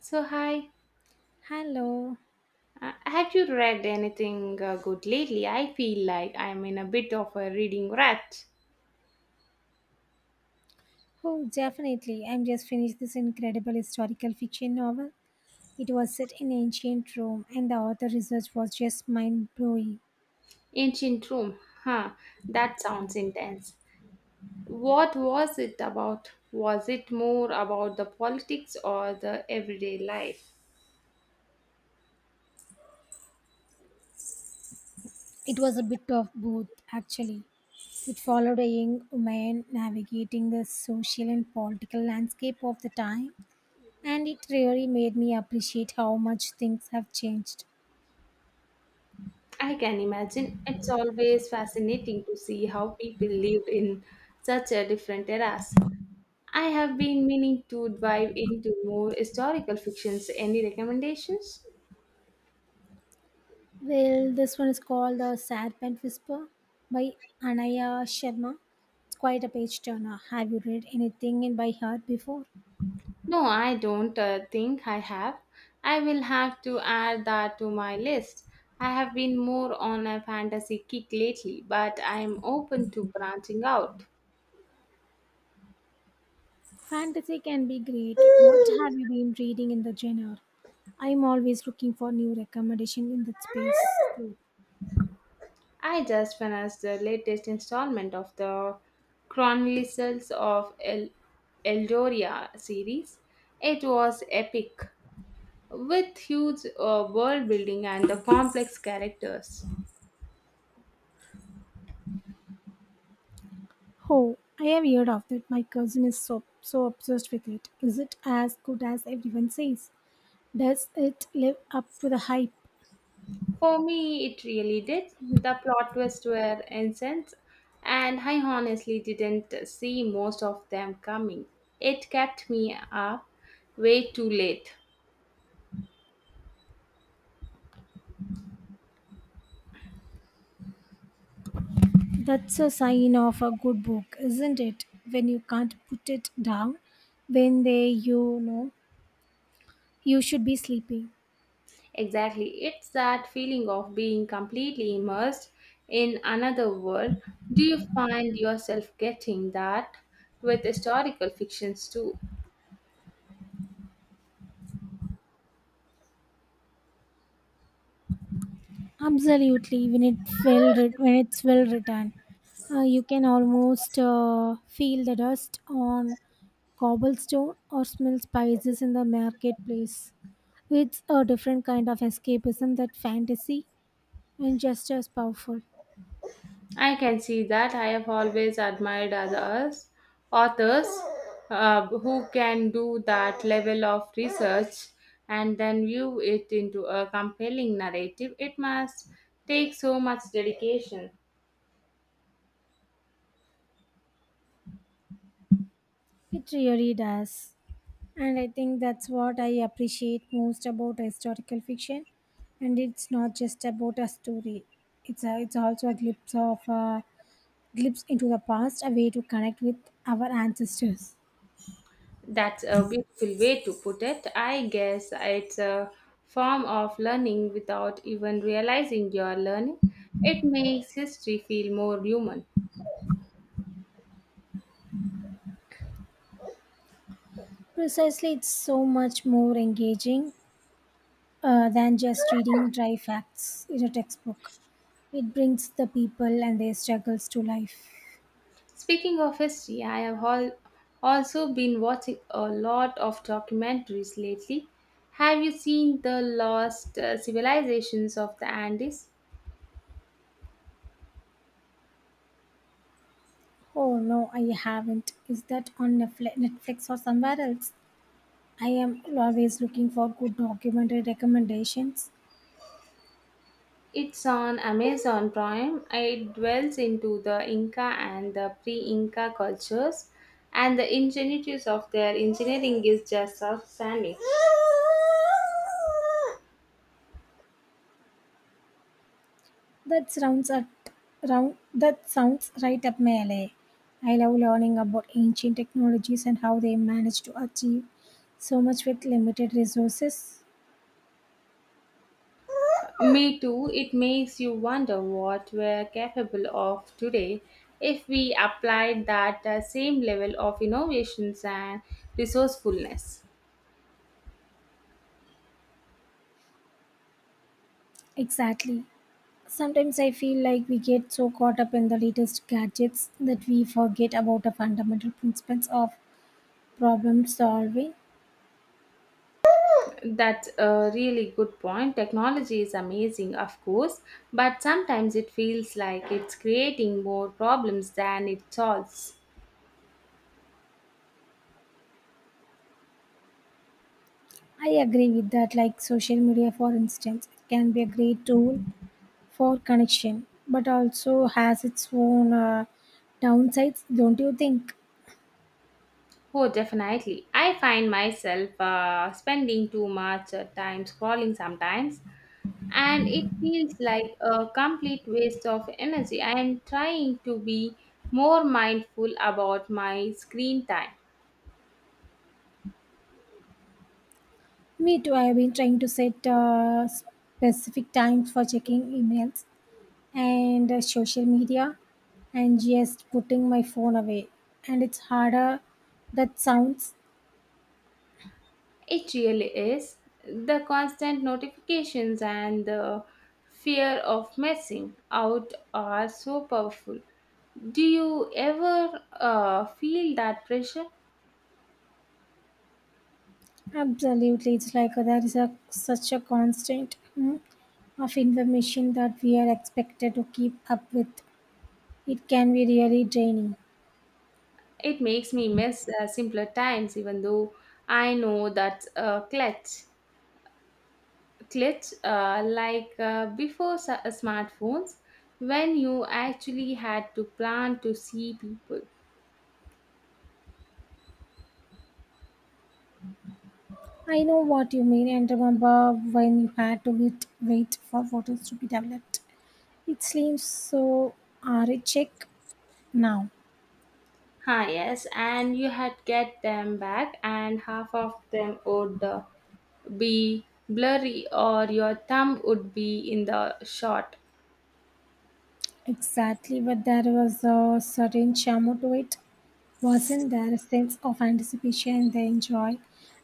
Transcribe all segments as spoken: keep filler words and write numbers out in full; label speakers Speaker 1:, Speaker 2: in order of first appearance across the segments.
Speaker 1: So, hi.
Speaker 2: Hello.
Speaker 1: Uh, have you read anything uh, good lately? I feel like I'm in a bit of a reading rut.
Speaker 2: Oh, definitely. I'm just finished this incredible historical fiction novel. It was set in ancient Rome, and the author research was just mind blowing.
Speaker 1: Ancient Rome. Huh, that sounds intense. What was it about? Was it more about the politics or the everyday life?
Speaker 2: It was a bit of both, actually. It followed a young woman navigating the social and political landscape of the time, and it really made me appreciate how much things have changed.
Speaker 1: I can imagine. It's always fascinating to see how people lived in such a different eras. I have been meaning to dive into more historical fictions. Any recommendations?
Speaker 2: Well, this one is called The Serpent Whisper by Anaya Sharma. It's quite a page turner. Have you read anything in by her before?
Speaker 1: No, I don't uh, think I have. I will have to add that to my list. I have been more on a fantasy kick lately, but I am open to branching out.
Speaker 2: Fantasy can be great. What have you been reading in the genre? I'm always looking for new recommendation in that space too.
Speaker 1: I just finished the latest installment of the Chronicles of El- Eldoria series. It was epic, with huge uh, world building and the complex characters.
Speaker 2: Oh, I have heard of that. My cousin is so so obsessed with it. Is it as good as everyone says? Does it live up to the hype?
Speaker 1: For me, it really did. The plot twists were intense, and I honestly didn't see most of them coming. It kept me up way too late.
Speaker 2: That's a sign of a good book, isn't it? When you can't put it down, when they, you know, you should be sleeping.
Speaker 1: Exactly, it's that feeling of being completely immersed in another world. Do you find yourself getting that with historical fictions too?
Speaker 2: Absolutely, when it well writ- when it's well written, uh, you can almost uh, feel the dust on cobblestone or smell spices in the marketplace. It's a different kind of escapism that fantasy, and just as powerful.
Speaker 1: I can see that. I have always admired others, authors uh, who can do that level of research and then view it into a compelling narrative. It must take so much dedication.
Speaker 2: It really does. And I think that's what I appreciate most about historical fiction. And it's not just about a story. It's a, it's also a glimpse of a glimpse into the past, a way to connect with our ancestors.
Speaker 1: That's a beautiful way to put it. I guess it's a form of learning without even realizing you're learning. It makes history feel more human.
Speaker 2: Precisely, it's so much more engaging uh, than just reading dry facts in a textbook. It brings the people and their struggles to life.
Speaker 1: Speaking of history, I have al- also been watching a lot of documentaries lately. Have you seen The Lost uh, Civilizations of the Andes?
Speaker 2: Oh no, I haven't. Is that on Netfli- Netflix or somewhere else? I am always looking for good documentary recommendations.
Speaker 1: It's on Amazon Prime. It dwells into the Inca and the pre-Inca cultures, and the ingenuities of their engineering is just outstanding.
Speaker 2: That sounds at round, that sounds right up my alley. I love learning about ancient technologies and how they managed to achieve so much with limited resources.
Speaker 1: Me too, it makes you wonder what we're capable of today if we applied that uh, same level of innovations and resourcefulness.
Speaker 2: Exactly. Sometimes I feel like we get so caught up in the latest gadgets that we forget about the fundamental principles of problem solving.
Speaker 1: That's a really good point. Technology is amazing, of course, but sometimes it feels like it's creating more problems than it solves.
Speaker 2: I agree with that, like social media, for instance, can be a great tool for connection, but also has its own uh, downsides, don't you think?
Speaker 1: Oh, definitely. I find myself uh, spending too much uh, time scrolling sometimes and it feels like a complete waste of energy. I am trying to be more mindful about my screen time.
Speaker 2: Me too. I have been trying to set uh, specific times for checking emails and uh, social media and just putting my phone away. And it's harder. That sounds
Speaker 1: It really is. The constant notifications and the fear of missing out are so powerful. Do you ever uh, feel that pressure?
Speaker 2: absolutely. It's like there is a, such a constant mm, of information that we are expected to keep up with. It can be really draining.
Speaker 1: It makes me miss uh, simpler times, even though I know that's a clutch. Glitch uh, like uh, before s- uh, smartphones when you actually had to plan to see people.
Speaker 2: I know what you mean, and remember when you had to wait, wait for photos to be developed. It seems so check now.
Speaker 1: Ah, yes, and you had get them back, and half of them would uh, be blurry, or your thumb would be in the shot.
Speaker 2: Exactly, but there was a certain charm to it. Wasn't there a sense of anticipation and the enjoy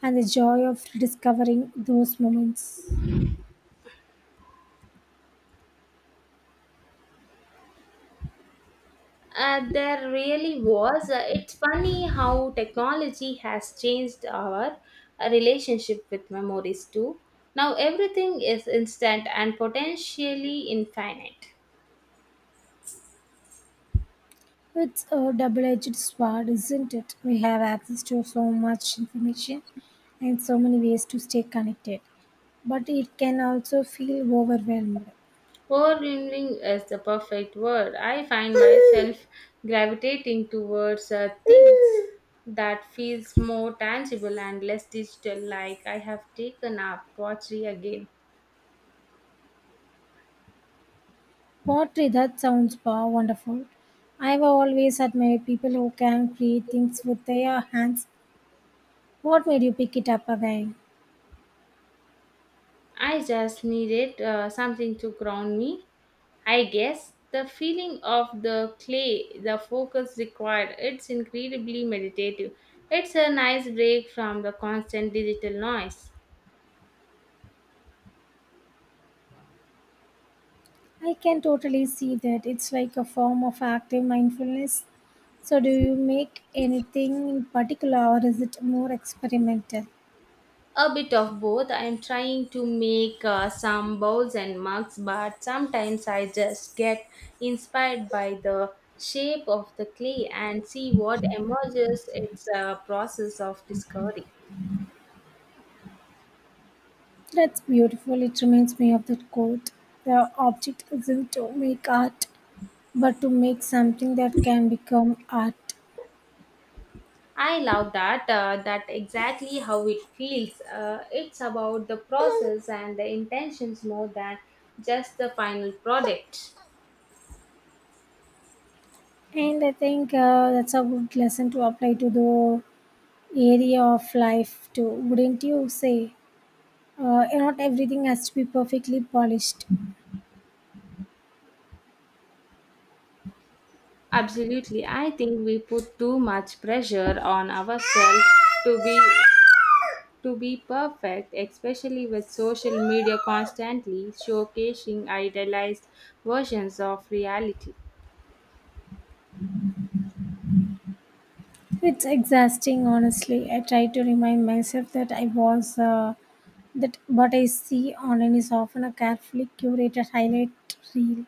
Speaker 2: and the joy of rediscovering those moments?
Speaker 1: Uh, there really was. Uh, it's funny how technology has changed our uh, relationship with memories too. Now everything is instant and potentially infinite.
Speaker 2: It's a double edged sword, isn't it? We have access to so much information and so many ways to stay connected, but it can also feel overwhelmed.
Speaker 1: Overwhelming is the perfect word. I find myself gravitating towards uh, things that feels more tangible and less digital like I have taken up pottery again.
Speaker 2: Pottery, that sounds pa- wonderful. I've always admired people who can create things with their hands. What made you pick it up again?
Speaker 1: I just needed uh, something to ground me. I guess the feeling of the clay, the focus required, it's incredibly meditative. It's a nice break from the constant digital noise.
Speaker 2: I can totally see that. It's like a form of active mindfulness. So, do you make anything in particular or is it more experimental?
Speaker 1: A bit of both. I'm trying to make uh, some bowls and mugs, but sometimes I just get inspired by the shape of the clay and see what emerges. It's a process of discovery.
Speaker 2: That's beautiful. It reminds me of that quote. The object isn't to make art, but to make something that can become art.
Speaker 1: I love that. Uh, that exactly how it feels. Uh, it's about the process and the intentions more than just the final product.
Speaker 2: And I think uh, that's a good lesson to apply to the area of life too, wouldn't you say? Uh, not everything has to be perfectly polished.
Speaker 1: Absolutely. I think we put too much pressure on ourselves to be to be perfect, especially with social media constantly showcasing idealized versions of reality.
Speaker 2: It's exhausting, honestly. I try to remind myself that I was uh, that what I see online is often a carefully curated highlight reel.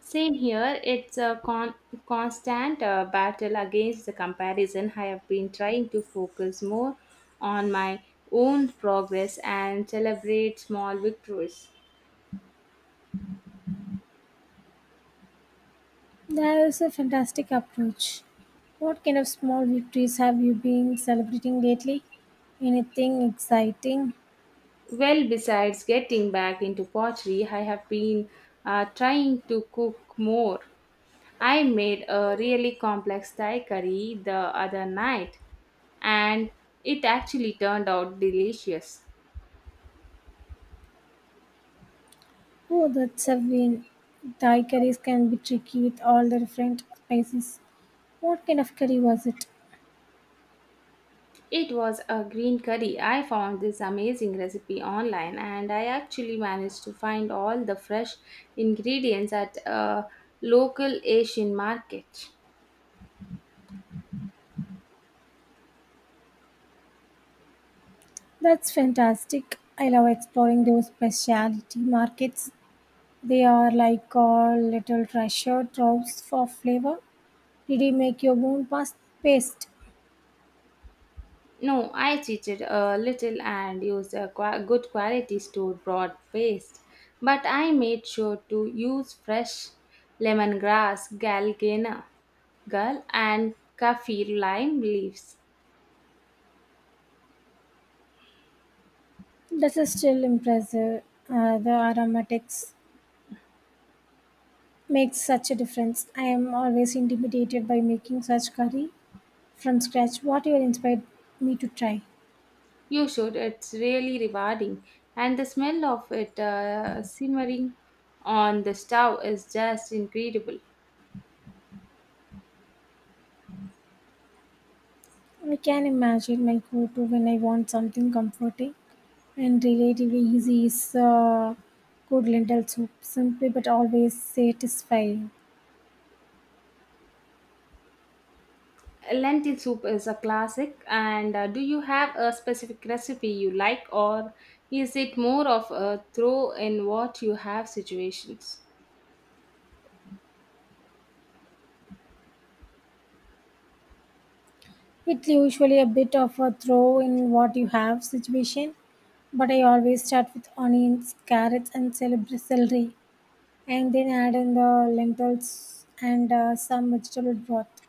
Speaker 1: Same here, it's a con- constant uh, battle against the comparison. I have been trying to focus more on my own progress and celebrate small victories.
Speaker 2: That is a fantastic approach. What kind of small victories have you been celebrating lately? Anything exciting?
Speaker 1: Well, besides getting back into pottery, I have been uh, trying to cook more. I made a really complex Thai curry the other night and it actually turned out delicious.
Speaker 2: Oh, that's a win. Thai curries can be tricky with all the different spices. What kind of curry was it?
Speaker 1: It was a green curry. I found this amazing recipe online and I actually managed to find all the fresh ingredients at a local Asian market.
Speaker 2: That's fantastic. I love exploring those specialty markets. They are like a little treasure troves for flavor. Did you make your own past paste?
Speaker 1: No, I cheated a little and used a qua- good quality store bought paste, but I made sure to use fresh lemongrass, galgana, gall, and kaffir lime leaves.
Speaker 2: This is still impressive. Uh, the aromatics makes such a difference. I am always intimidated by making such curry from scratch. What you inspired me to try?
Speaker 1: You should, it's really rewarding, and the smell of it uh, simmering on the stove is just incredible.
Speaker 2: I can imagine my go to when I want something comforting and relatively easy is uh, good lentil soup, simply but always satisfying.
Speaker 1: Lentil soup is a classic, and uh, do you have a specific recipe you like, or is it more of a throw in what you have situations?
Speaker 2: It's usually a bit of a throw in what you have situation, but I always start with onions, carrots, and celery, celery and then add in the lentils and uh, some vegetable broth.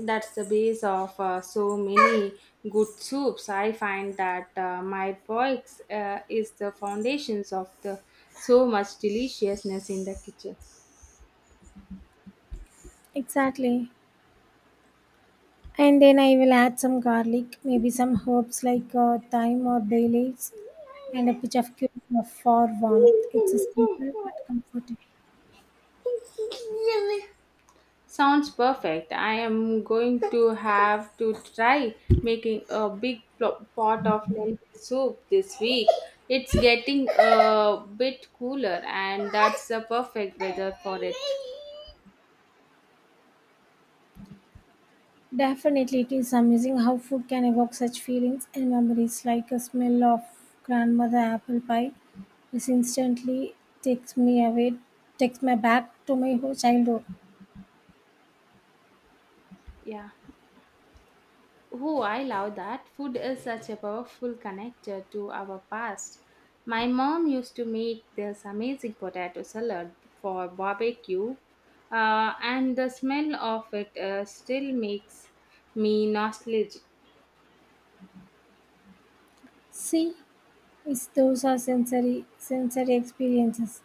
Speaker 1: That's the base of uh, so many good soups. I find that uh, my box uh, is the foundations of the so much deliciousness in the kitchen.
Speaker 2: Exactly. And then I will add some garlic, maybe some herbs like uh, thyme or bay leaves, and a pinch of cumin for warmth. It's a simple but comforting.
Speaker 1: Sounds perfect. I am going to have to try making a big pl- pot of lentil soup this week. It's getting a bit cooler, and that's the perfect weather for it.
Speaker 2: Definitely, it is amazing how food can evoke such feelings and memories, like a smell of grandmother apple pie. This instantly takes me away, takes me back to my whole childhood.
Speaker 1: Yeah. Oh, I love that. Food is such a powerful connector to our past. My mom used to make this amazing potato salad for barbecue, uh, and the smell of it uh, still makes me nostalgic.
Speaker 2: See, it's those are sensory sensory experiences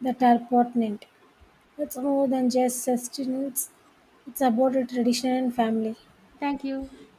Speaker 2: that are pertinent. It's more than just sustenance, it's about a tradition and family.
Speaker 1: Thank you.